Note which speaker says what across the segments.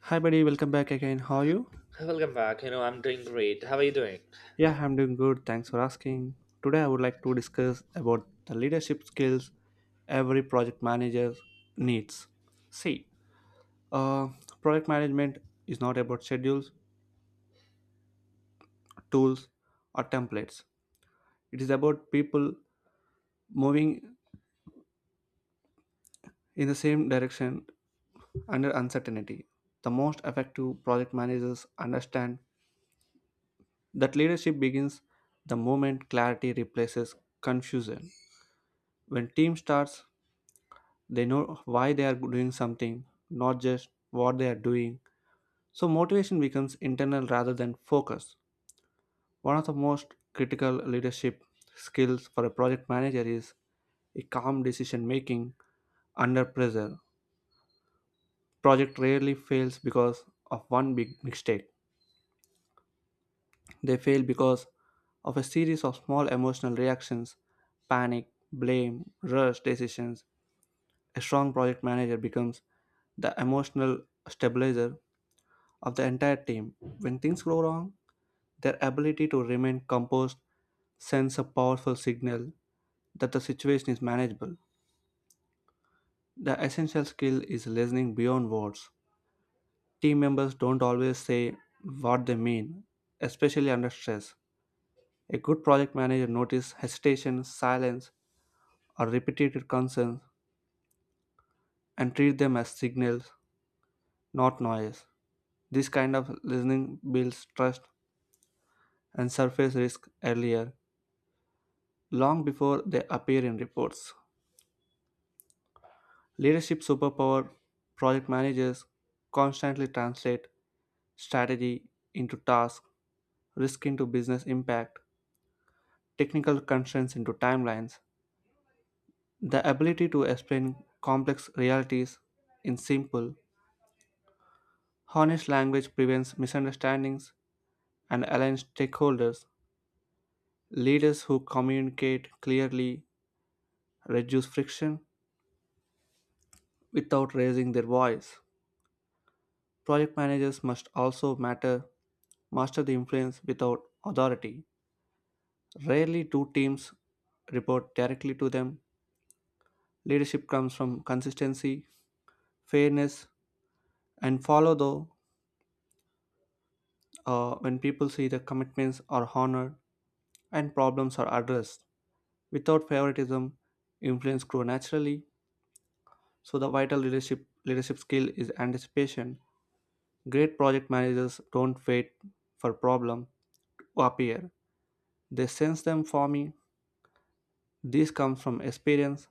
Speaker 1: Hi, buddy. Welcome back again. How are you?
Speaker 2: Welcome back. I'm doing great. How are you doing?
Speaker 1: Yeah, I'm doing good. Thanks for asking. Today, I would like to discuss about the leadership skills every project manager needs. See, uh, project management is not about schedules, tools, or templates. It is about people moving in the same direction under uncertainty. The most effective project managers understand that leadership begins the moment clarity replaces confusion. When team starts, they know why they are doing something, not just what they are doing, so motivation becomes internal rather than focus. One of the most critical leadership skills for a project manager is a calm decision making under pressure. Project rarely fails because of one big mistake. They fail because of a series of small emotional reactions: panic, blame, rush decisions. A strong project manager becomes the emotional stabilizer of the entire team. When things go wrong, their ability to remain composed sends a powerful signal that the situation is manageable. The essential skill is listening beyond words. Team members don't always say what they mean, especially under stress. A good project manager notices hesitation, silence, or repeated concerns and treat them as signals, not noise. This kind of listening builds trust and surface risk earlier, long before they appear in reports. Leadership superpower: project managers constantly translate strategy into task, risk into business impact, technical constraints into timelines. The ability to explain complex realities in simple, honest language prevents misunderstandings and aligns stakeholders. Leaders who communicate clearly reduce friction without raising their voice. Project managers must also matter master the influence without authority. Rarely do teams report directly to them. Leadership comes from consistency, fairness, and follow though, when people see the commitments are honored and problems are addressed. Without favoritism, influence grow naturally. So the vital leadership skill is anticipation. Great project managers don't wait for problem to appear. They sense them forming. This comes from experience,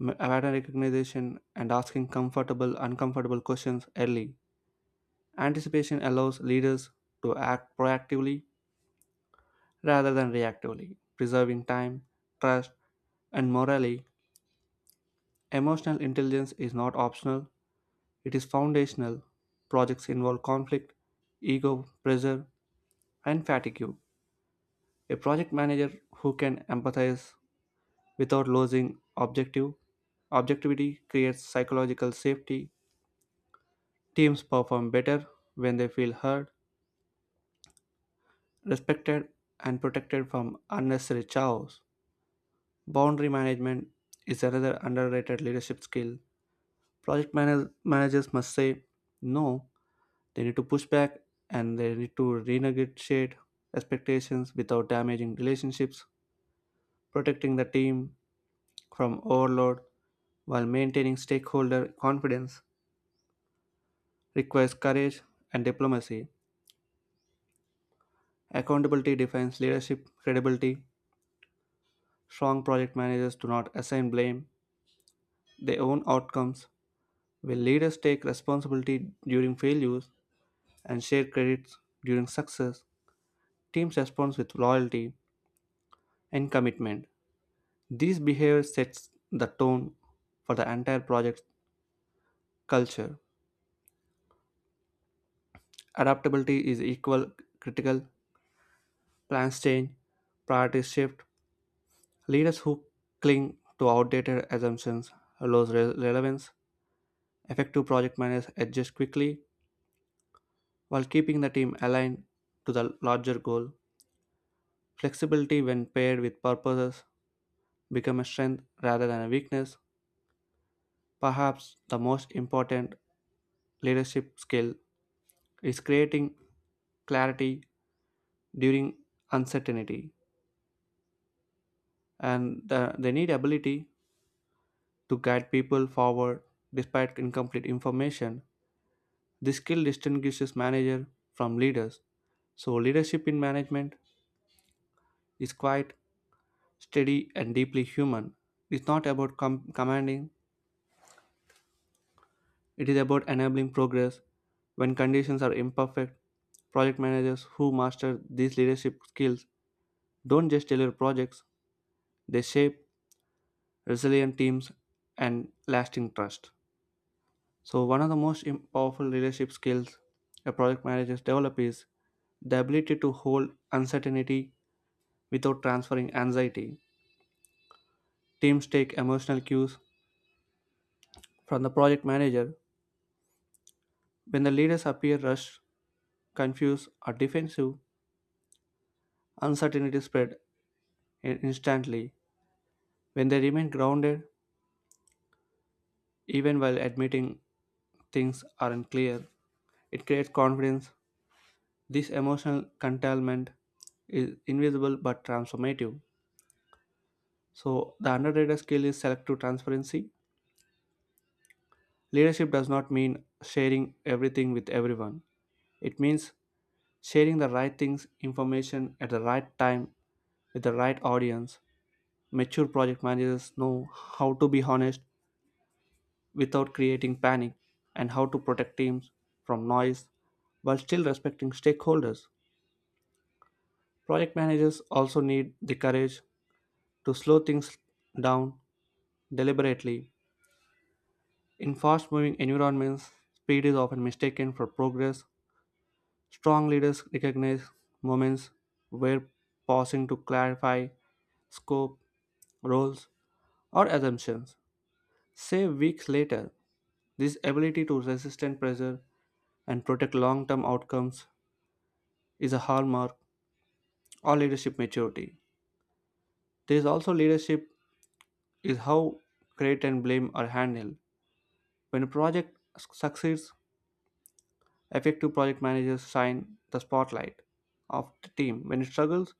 Speaker 1: pattern recognition, and asking comfortable, uncomfortable questions early. Anticipation allows leaders to act proactively rather than reactively, preserving time, trust, and morally. Emotional intelligence is not optional, it is foundational. Projects involve conflict, ego, pressure, and fatigue. A project manager who can empathize without losing objective objectivity creates psychological safety. Teams perform better when they feel heard, respected, and protected from unnecessary chaos. Boundary management is another underrated leadership skill. Managers must say no, they need to push back and they need to renegotiate expectations without damaging relationships, protecting the team from overload while maintaining stakeholder confidence requires courage and diplomacy. Accountability defines leadership credibility. Strong project managers do not assign blame, they own outcomes, where leaders take responsibility during failures and share credits during success. Teams respond with loyalty and commitment. These behavior sets the tone for the entire project culture. Adaptability is equal critical, plans change, priorities shift. Leaders who cling to outdated assumptions lose relevance. Effective project managers adjust quickly while keeping the team aligned to the larger goal. Flexibility, when paired with purposes, becomes a strength rather than a weakness. Perhaps the most important leadership skill is creating clarity during uncertainty, and they need ability to guide people forward despite incomplete information. This skill distinguishes manager from leaders. So leadership in management is quite steady, and deeply human. It's not about commanding, it is about enabling progress. When conditions are imperfect, project managers who master these leadership skills don't just deliver projects, they shape resilient teams and lasting trust. So, one of the most powerful leadership skills a project manager develops is the ability to hold uncertainty without transferring anxiety. Teams take emotional cues from the project manager. When the leaders appear rushed, confused, or defensive, uncertainty spread instantly. When they remain grounded, even while admitting things aren't clear, it creates confidence. This emotional curtailment is invisible but transformative. So, the underrated skill is selective transparency. Leadership does not mean sharing everything with everyone, it means sharing the right things, information at the right time with the right audience. Mature project managers know how to be honest without creating panic and how to protect teams from noise while still respecting stakeholders. Project managers also need the courage to slow things down deliberately. In fast moving environments, speed is often mistaken for progress. Strong leaders recognize moments where pausing to clarify scope, roles, or assumptions, say weeks later. This ability to resist and pressure and protect long term outcomes is a hallmark of leadership maturity. There is also leadership is how credit and blame are handled. When a succeeds, effective project managers shine the spotlight of the team. When it struggles,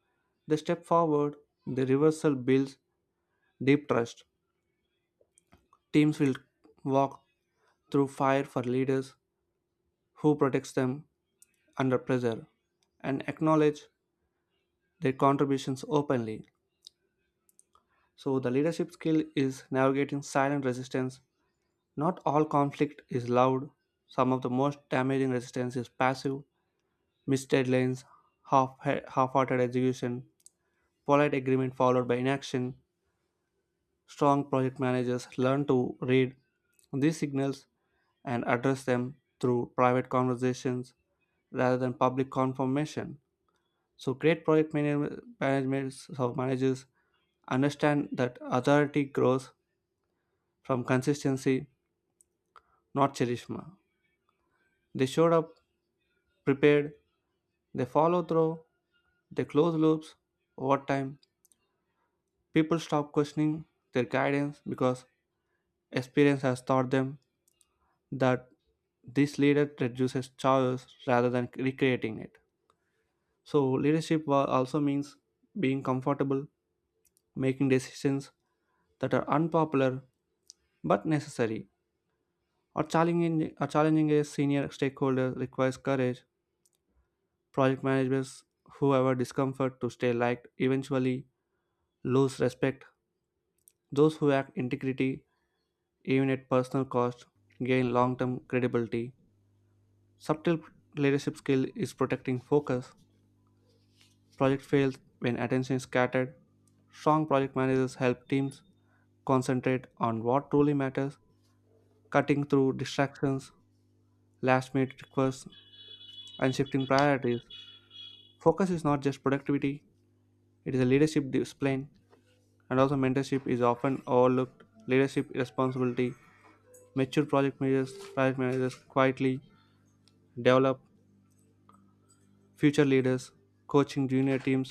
Speaker 1: they step forward. The reversal builds deep trust. Teams will walk through fire for leaders who protects them under pressure and acknowledge their contributions openly. So, the leadership skill is navigating silent resistance. Not all conflict is loud. Some of the most damaging resistance is passive, missed deadlines, half half hearted execution, polite agreement followed by inaction. Strong project managers learn to read these signals and address them through private conversations rather than public confirmation. So, great project manag- management so managers understand that authority grows from consistency not Cherishma. They showed up prepared, they follow through, they close loops. Over time, people stop questioning their guidance because experience has taught them that this leader reduces choice rather than recreating it. So, leadership also means being comfortable making decisions that are unpopular but necessary. Or challenging a senior stakeholder requires courage. Project managers who have a discomfort to stay liked eventually lose respect. Those who act integrity, even at personal cost, gain long term credibility. Subtle leadership skill is protecting focus. Project fails when attention is scattered. Strong project managers help teams concentrate on what truly matters, cutting through distractions, last minute requests, and shifting priorities. Focus is not just productivity, it is a leadership discipline. And also, mentorship is often overlooked. Leadership responsibility, mature project managers quietly develop future leaders, coaching junior teams,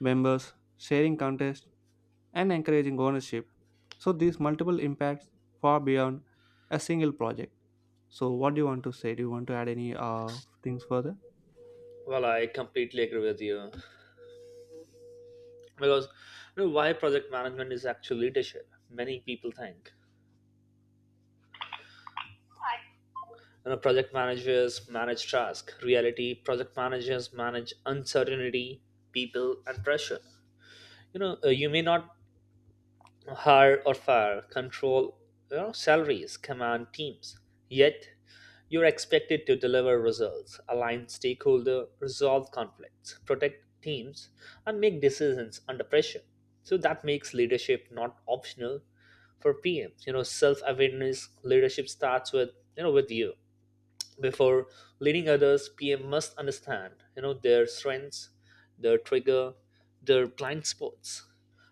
Speaker 1: members, sharing contests, and encouraging ownership. So these multiple impacts far beyond a single project. So what do you want to say? Do you want to add any things further?
Speaker 2: Well, I completely agree with you because you know why project management is actually leadership. Many people think you know project managers manage tasks. Reality, project managers manage uncertainty, people, and pressure. You may not hire or fire, control, you know, salaries, command teams. Yet, you're expected to deliver results, align stakeholder, resolve conflicts, protect teams, and make decisions under pressure. So that makes leadership not optional for PMs. You know, self-awareness leadership starts with you know with you before leading others. PM must understand you know their strengths, their trigger, their blind spots.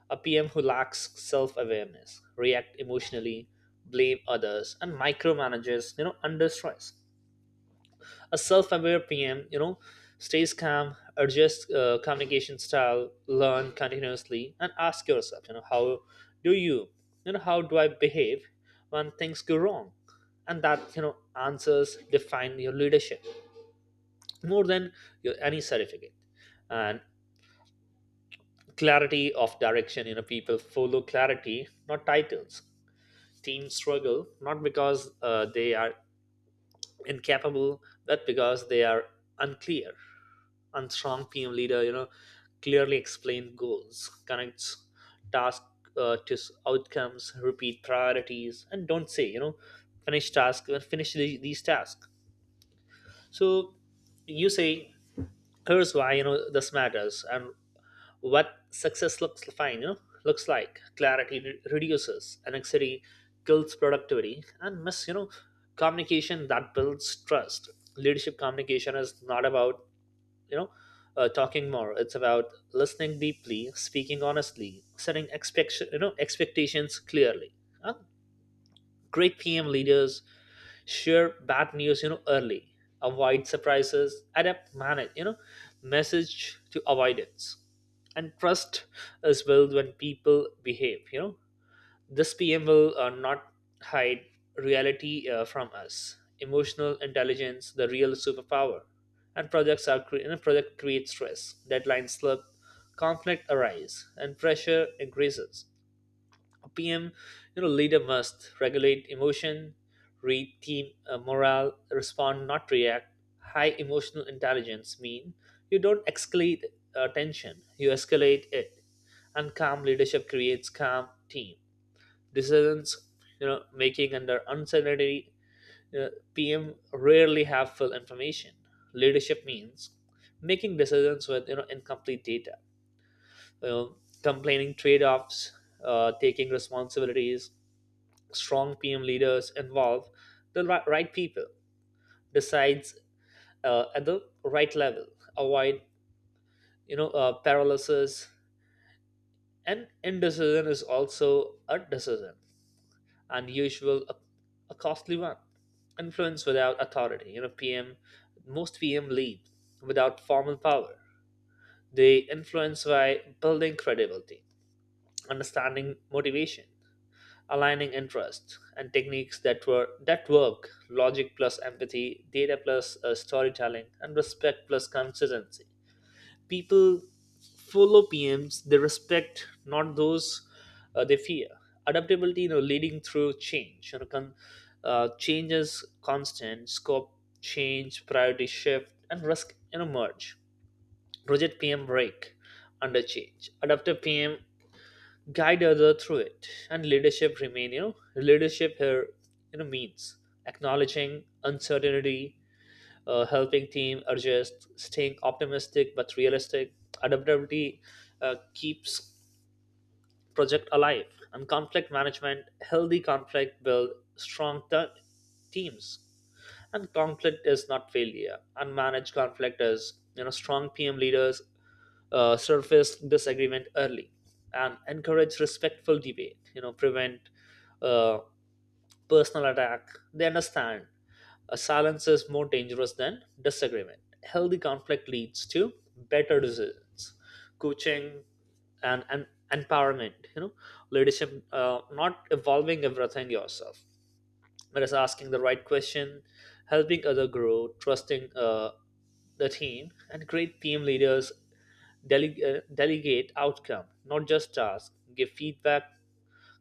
Speaker 2: A pm who lacks self-awareness react emotionally, blame others, and micromanages you know under stress. A self-aware pm, you know, stays calm, adjusts communication style, learn continuously, and ask yourself you know how do you you know how do I behave when things go wrong, and that you know answers define your leadership more than your, any certificate. And clarity of direction, you know, people follow clarity, not titles. Teams struggle not because they are incapable, but because they are unclear. Unstrong pm leader, you know, clearly explain goals, connects task to outcomes, repeat priorities, and don't say you know finish task or finish these tasks. So you say here's why you know this matters and what success looks fine, you know, looks like. Clarity reduces anxiety, kills productivity, and miss you know communication that builds trust. Leadership communication is not about you know talking more; it's about listening deeply, speaking honestly, setting expectations clearly. And great PM leaders share bad news you know early, avoid surprises, adapt, manage you know message to avoidance, and trust is built when people behave you know this pm will not hide reality from us. Emotional intelligence, the real superpower. And projects are project create stress, deadlines slip, conflict arise, and pressure increases. PM, you know, leader must regulate emotion, read team morale, respond, not react. High emotional intelligence mean you don't escalate tension, you escalate it. And calm leadership creates calm team. Decisions, you know, making under uncertainty, uh, PM rarely have full information. Leadership means making decisions with you know incomplete data, you know, complaining trade-offs, taking responsibilities. Strong PM leaders involve the right people, decides at the right level, avoid paralysis, and indecision is also a decision, and usual a costly one. Influence without authority, you know PM, most PM lead without formal power. They influence by building credibility, understanding motivation, aligning interests and techniques that work, logic plus empathy, data plus storytelling, and respect plus consistency. People follow pms they respect, not those they fear. Adaptability, you know, leading through change, you know, change is constant, scope change, priority shift, and risk you know merge. Project pm break under change. Adaptive pm guide other through it, and leadership remain, you know, leadership here you know means acknowledging uncertainty, helping team adjust, staying optimistic but realistic. Adaptability keeps project alive. And conflict management, healthy conflict build strong teams, and conflict is not failure, unmanaged conflict is. You know, strong pm leaders surface disagreement early and encourage respectful debate, you know, prevent uh, personal attack. They understand a silence is more dangerous than disagreement. Healthy conflict leads to better decisions. Coaching and empowerment, you know, leadership not evolving everything yourself, whereas asking the right question, helping other grow, trusting the team. And great team leaders delegate outcome, not just task. Give feedback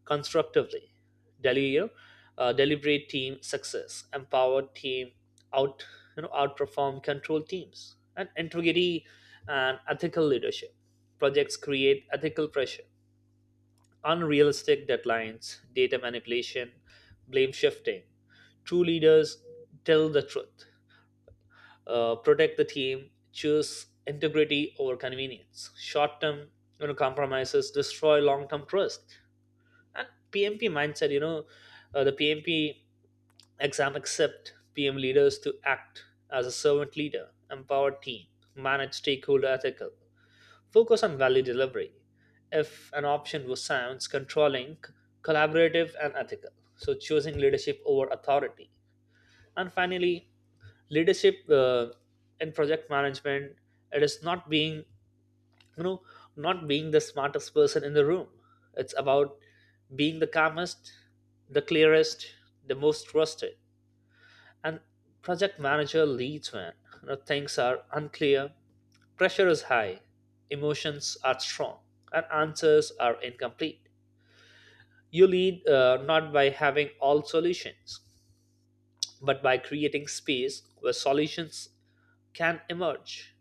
Speaker 2: constructively. Deli- you know, Deliberate team success, empowered team out you know outperform control teams. And integrity and ethical leadership. Projects create ethical pressure, unrealistic deadlines, data manipulation, blame shifting. True leaders tell the truth, protect the team, choose integrity over convenience. Short term, you know, compromises destroy long term trust. And PMP mindset, you know, the PMP exam accept PM leaders to act as a servant leader, empowered team, manage stakeholder ethical. Focus on value delivery. If an option was sounds controlling, collaborative, and ethical, so choosing leadership over authority. And finally, leadership in project management, it is not being you know not being the smartest person in the room. It's about being the calmest, the clearest, the most trusted. And project manager leads when, you know, things are unclear, pressure is high, emotions are strong, and answers are incomplete. You lead not by having all solutions, but by creating space where solutions can emerge.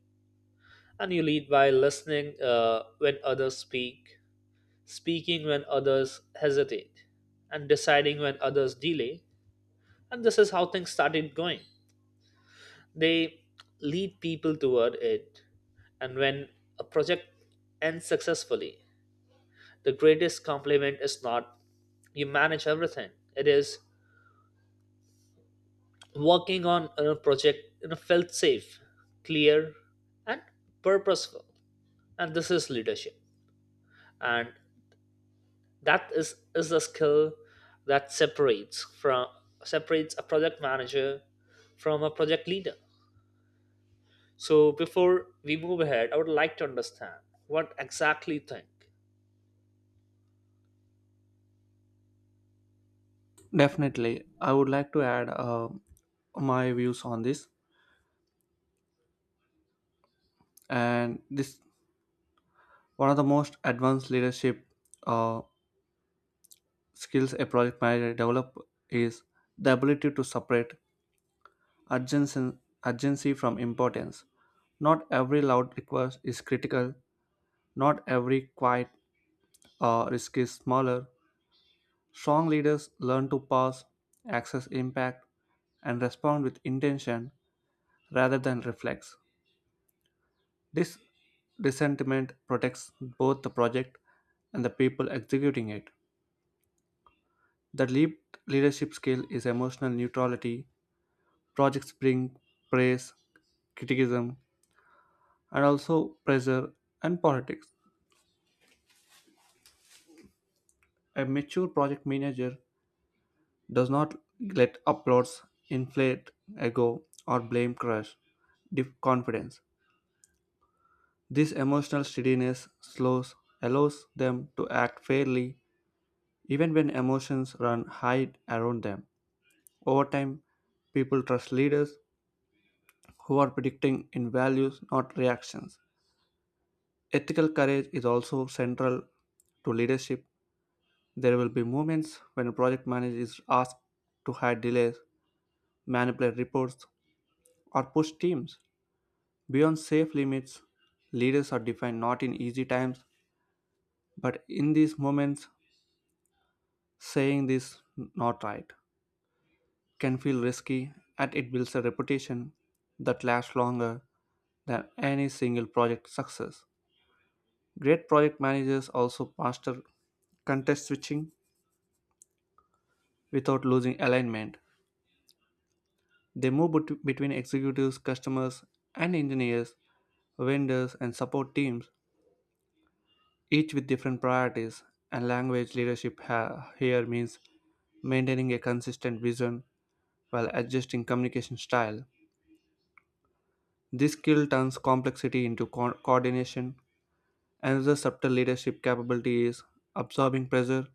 Speaker 2: And you lead by listening when others speak, speaking when others hesitate, and deciding when others delay. And this is how things started going. They lead people toward it. And when a project ends successfully, the greatest compliment is not you manage everything. It is working on a project you know, felt safe, clear, and purposeful. And this is leadership. And that is a skill that separates a project manager from a project leader. So before we move ahead, I would like to understand what exactly you think.
Speaker 1: Definitely, I would like to add my views on this. And this one of the most advanced leadership uh, skills a project manager develop is the ability to separate urgency, urgency from importance. Not every loud request is critical, not every quiet risk is smaller. Strong leaders learn to pause, access impact, and respond with intention rather than reflex. This dissentiment protects both the project and the people executing it. The leap leadership skill is emotional neutrality. Projects bring praise, criticism, and also pressure and politics. A mature project manager does not let uploads inflate ego or blame crush dip confidence. This emotional steadiness slows allows them to act fairly even when emotions run high around them. Over time, people trust leaders who are predicting in values, not reactions. Ethical courage is also central to leadership. There will be moments when a project manager is asked to hide delays, manipulate reports, or push teams beyond safe limits. Leaders are defined not in easy times, but in these moments, saying this not right can feel risky and it builds a reputation that lasts longer than any single project success. Great project managers also master context switching without losing alignment. They move between executives, customers, and engineers, vendors, and support teams, each with different priorities. And language leadership here means maintaining a consistent vision while adjusting communication style. This skill turns complexity into coordination. Another subtle leadership capability is absorbing pressure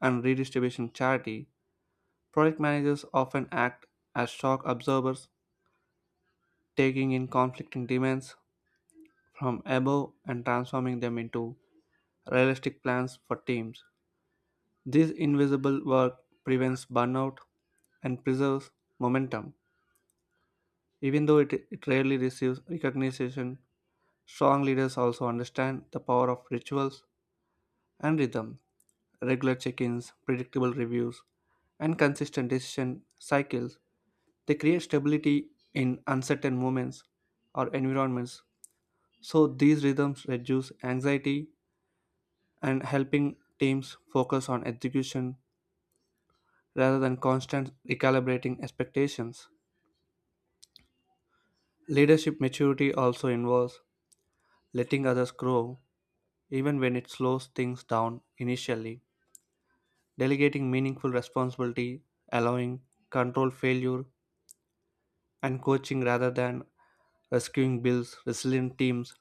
Speaker 1: and redistribution charity. Project managers often act as shock absorbers, taking in conflicting demands from above and transforming them into realistic plans for teams. This invisible work prevents burnout and preserves momentum. Even though it rarely receives recognition, strong leaders also understand the power of rituals and rhythm, regular check ins, predictable reviews, and consistent decision cycles. They create stability in uncertain moments or environments, so these rhythms reduce anxiety and helping teams focus on execution rather than constant recalibrating expectations. Leadership maturity also involves letting others grow, even when it slows things down initially, delegating meaningful responsibility, allowing controlled failure, and coaching rather than rescuing builds resilient teams.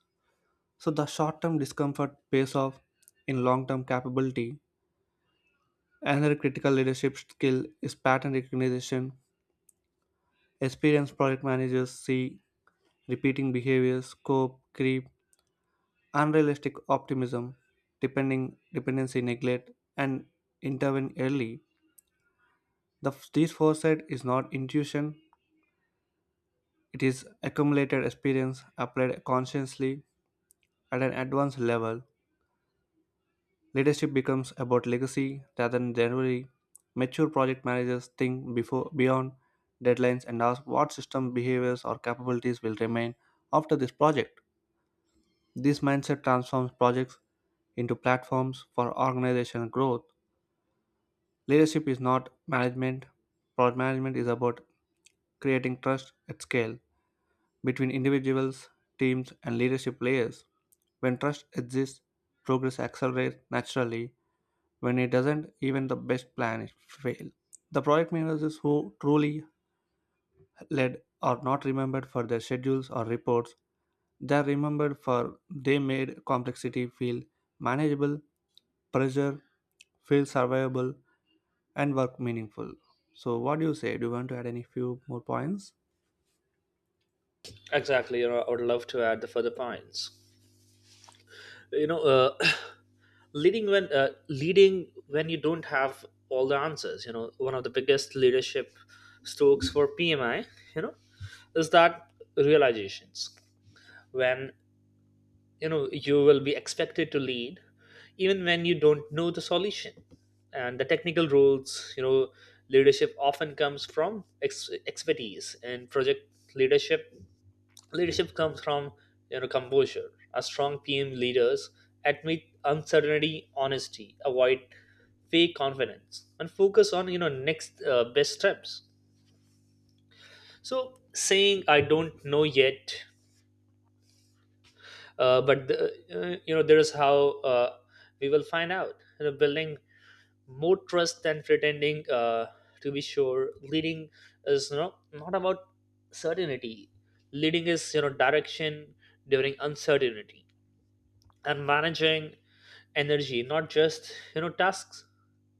Speaker 1: So the short term discomfort pays off in long term capability. Another critical leadership skill is pattern recognition. Experienced project managers see repeating behaviors, cope, creep, unrealistic optimism, depending dependency neglect, and intervene early. This foresight is not intuition, it is accumulated experience applied consciously at an advanced level. Leadership becomes about legacy rather than delivery. Mature project managers think before beyond deadlines and ask what system behaviors or capabilities will remain after this project. This mindset transforms projects into platforms for organizational growth. Leadership is not management. Project management is about creating trust at scale between individuals, teams, and leadership layers. When trust exists, progress accelerates naturally. When it doesn't, even the best plans fail. The project managers who truly led are not remembered for their schedules or reports. They're remembered for they made complexity feel manageable, pressure feel survivable, and work meaningful. So, what do you say? Do you want to add any few more points?
Speaker 2: Exactly, you know, I would love to add the further points. You know, uh, leading when leading when you don't have all the answers, you know, one of the biggest leadership strokes for pmi, you know, is that realizations when you know you will be expected to lead even when you don't know the solution and the technical rules. You know, leadership often comes from expertise, and project leadership. Leadership comes from you know composure. A strong PM leaders admit uncertainty, honesty, avoid fake confidence, and focus on you know next best steps. So saying I don't know yet, you know there is how we will find out. You know, building more trust than pretending to be sure. Leading is you know not about certainty. Leading is you know direction during uncertainty. And managing energy, not just you know tasks.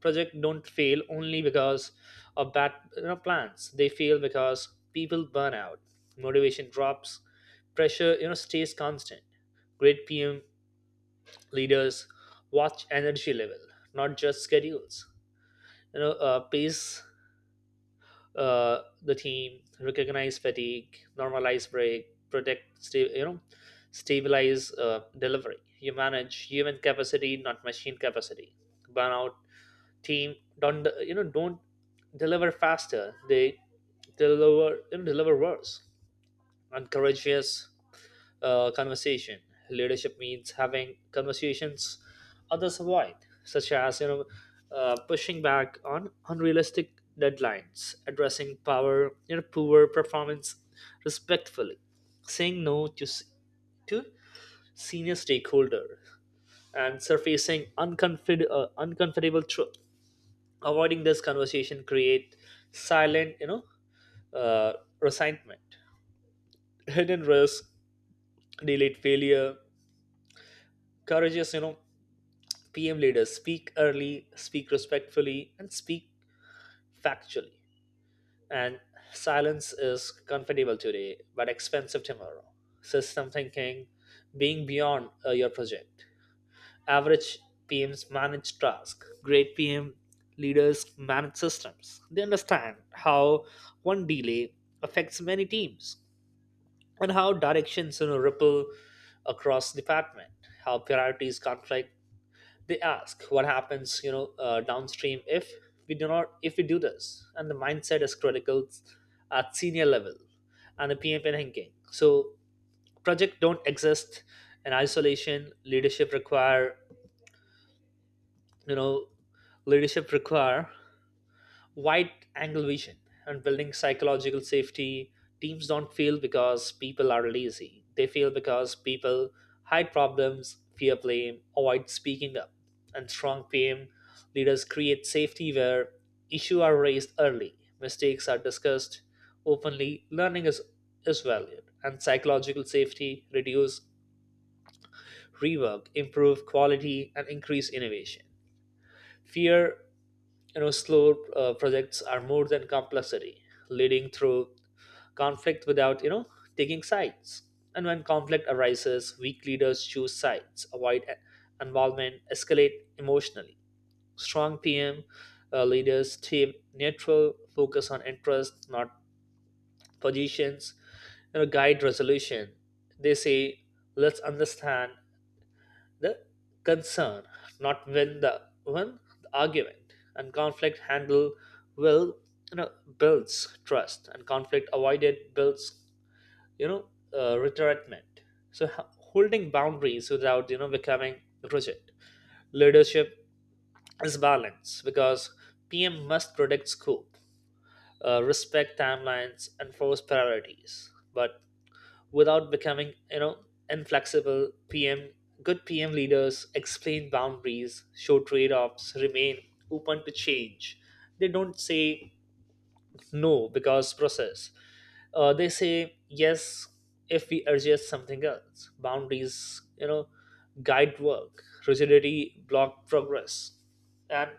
Speaker 2: Project don't fail only because of bad you know plans. They fail because people burn out, motivation drops, pressure you know stays constant. Great pm leaders watch energy level, not just schedules, you know, pace the team, recognize fatigue, normalize break, protect, stabilize delivery. You manage human capacity, not machine capacity. Burnout team don't you know don't deliver faster. They deliver worse. And courageous conversation. Leadership means having conversations others avoid, such as, you know, pushing back on unrealistic deadlines, addressing power, you know, poor performance respectfully, saying no to to senior stakeholder, and surfacing uncomfortable truth. Avoiding this conversation create silent, you know, uh, resentment, hidden risk, delayed failure. Courageous, you know, PM leaders speak early, speak respectfully, and speak factually. And silence is comfortable today, but expensive tomorrow. System thinking, being beyond your project. Average PMs manage tasks. Great PM leaders manage systems. They understand how one delay affects many teams, and how directions, you know, ripple across department, how priorities conflict. They ask what happens, you know, downstream if we do not if we do this. And the mindset is critical at senior level, and the PMP thinking. So project don't exist in isolation. Leadership require, you know, leadership require wide angle vision. And building psychological safety. Teams don't fail because people are lazy. They fail because people hide problems, fear blame, avoid speaking up. And strong PM leaders create safety where issues are raised early, mistakes are discussed openly, is valued, and psychological safety reduce rework, improve quality, and increase innovation. Fear you know slow projects are more than compulsory. Leading through conflict without you know taking sides, and when conflict arises, weak leaders choose sides, avoid involvement, escalate emotionally. Strong pm leaders stay neutral, focus on interests, not positions, you know, guide resolution. They say let's understand the concern, not when the when the argument. And conflict handle will you know builds trust, and conflict avoided builds, you know, retirement. So holding boundaries without you know becoming rigid. Leadership is balance because PM must predict scope, respect timelines, enforce priorities, but without becoming you know inflexible pm. Good pm leaders explain boundaries, show trade-offs, remain open to change. They don't say no because process, they say yes if we adjust something else. Boundaries, you know, guide work, rigidity block progress. And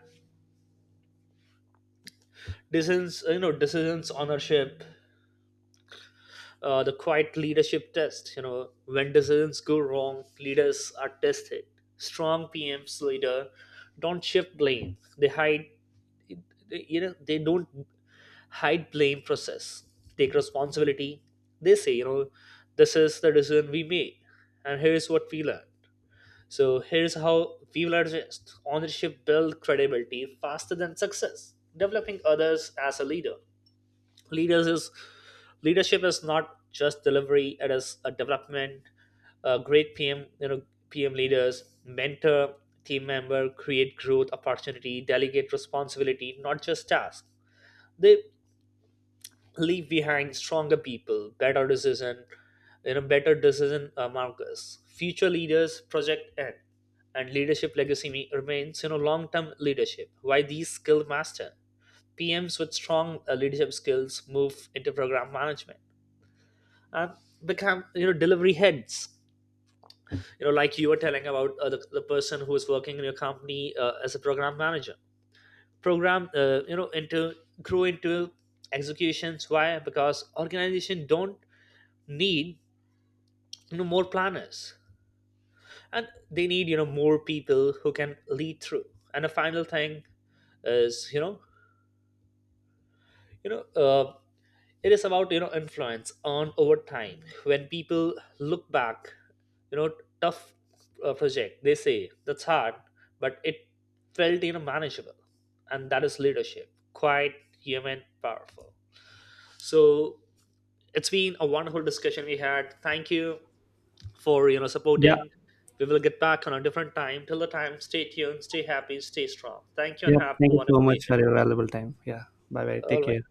Speaker 2: decisions, ownership, the quiet leadership test. You know, when decisions go wrong, leaders are tested. Strong PMs leader don't shift blame. You know, they don't hide blame. Process. Take responsibility. They say, you know, this is the decision we made, and here's what we learned. So here's how we will adjust. Ownership build credibility faster than success. Developing others as a leader. Leaders is Leadership is not just delivery; it is a development. A great PM, you know, PM leaders mentor team member, create growth opportunity, delegate responsibility, not just tasks. They leave behind stronger people, better decision, markers. Future leaders project end, and leadership legacy remains, you know, long-term leadership why these skill master PMs with strong leadership skills move into program management and become you know delivery heads. You know, like you were telling about the person who is working in your company as a program manager. Program, you know, into grew into executions. Why? Because organization don't need you know more planners, and they need you know more people who can lead through. And the final thing is you know uh, it is about you know influence on over time when people look back, you know, tough project, they say that's hard, but it felt you know manageable. And that is leadership, quite human, powerful. So it's been a wonderful discussion we had. Thank you for, you know,
Speaker 1: Yeah.
Speaker 2: supporting. We will get back on a different time. Till the time, stay tuned, stay happy, stay strong. Thank you and
Speaker 1: Yeah,
Speaker 2: have
Speaker 1: thank
Speaker 2: a
Speaker 1: you so
Speaker 2: wonderful day.
Speaker 1: much for your valuable time. Yeah. Bye bye.
Speaker 2: All
Speaker 1: Take
Speaker 2: right.
Speaker 1: care.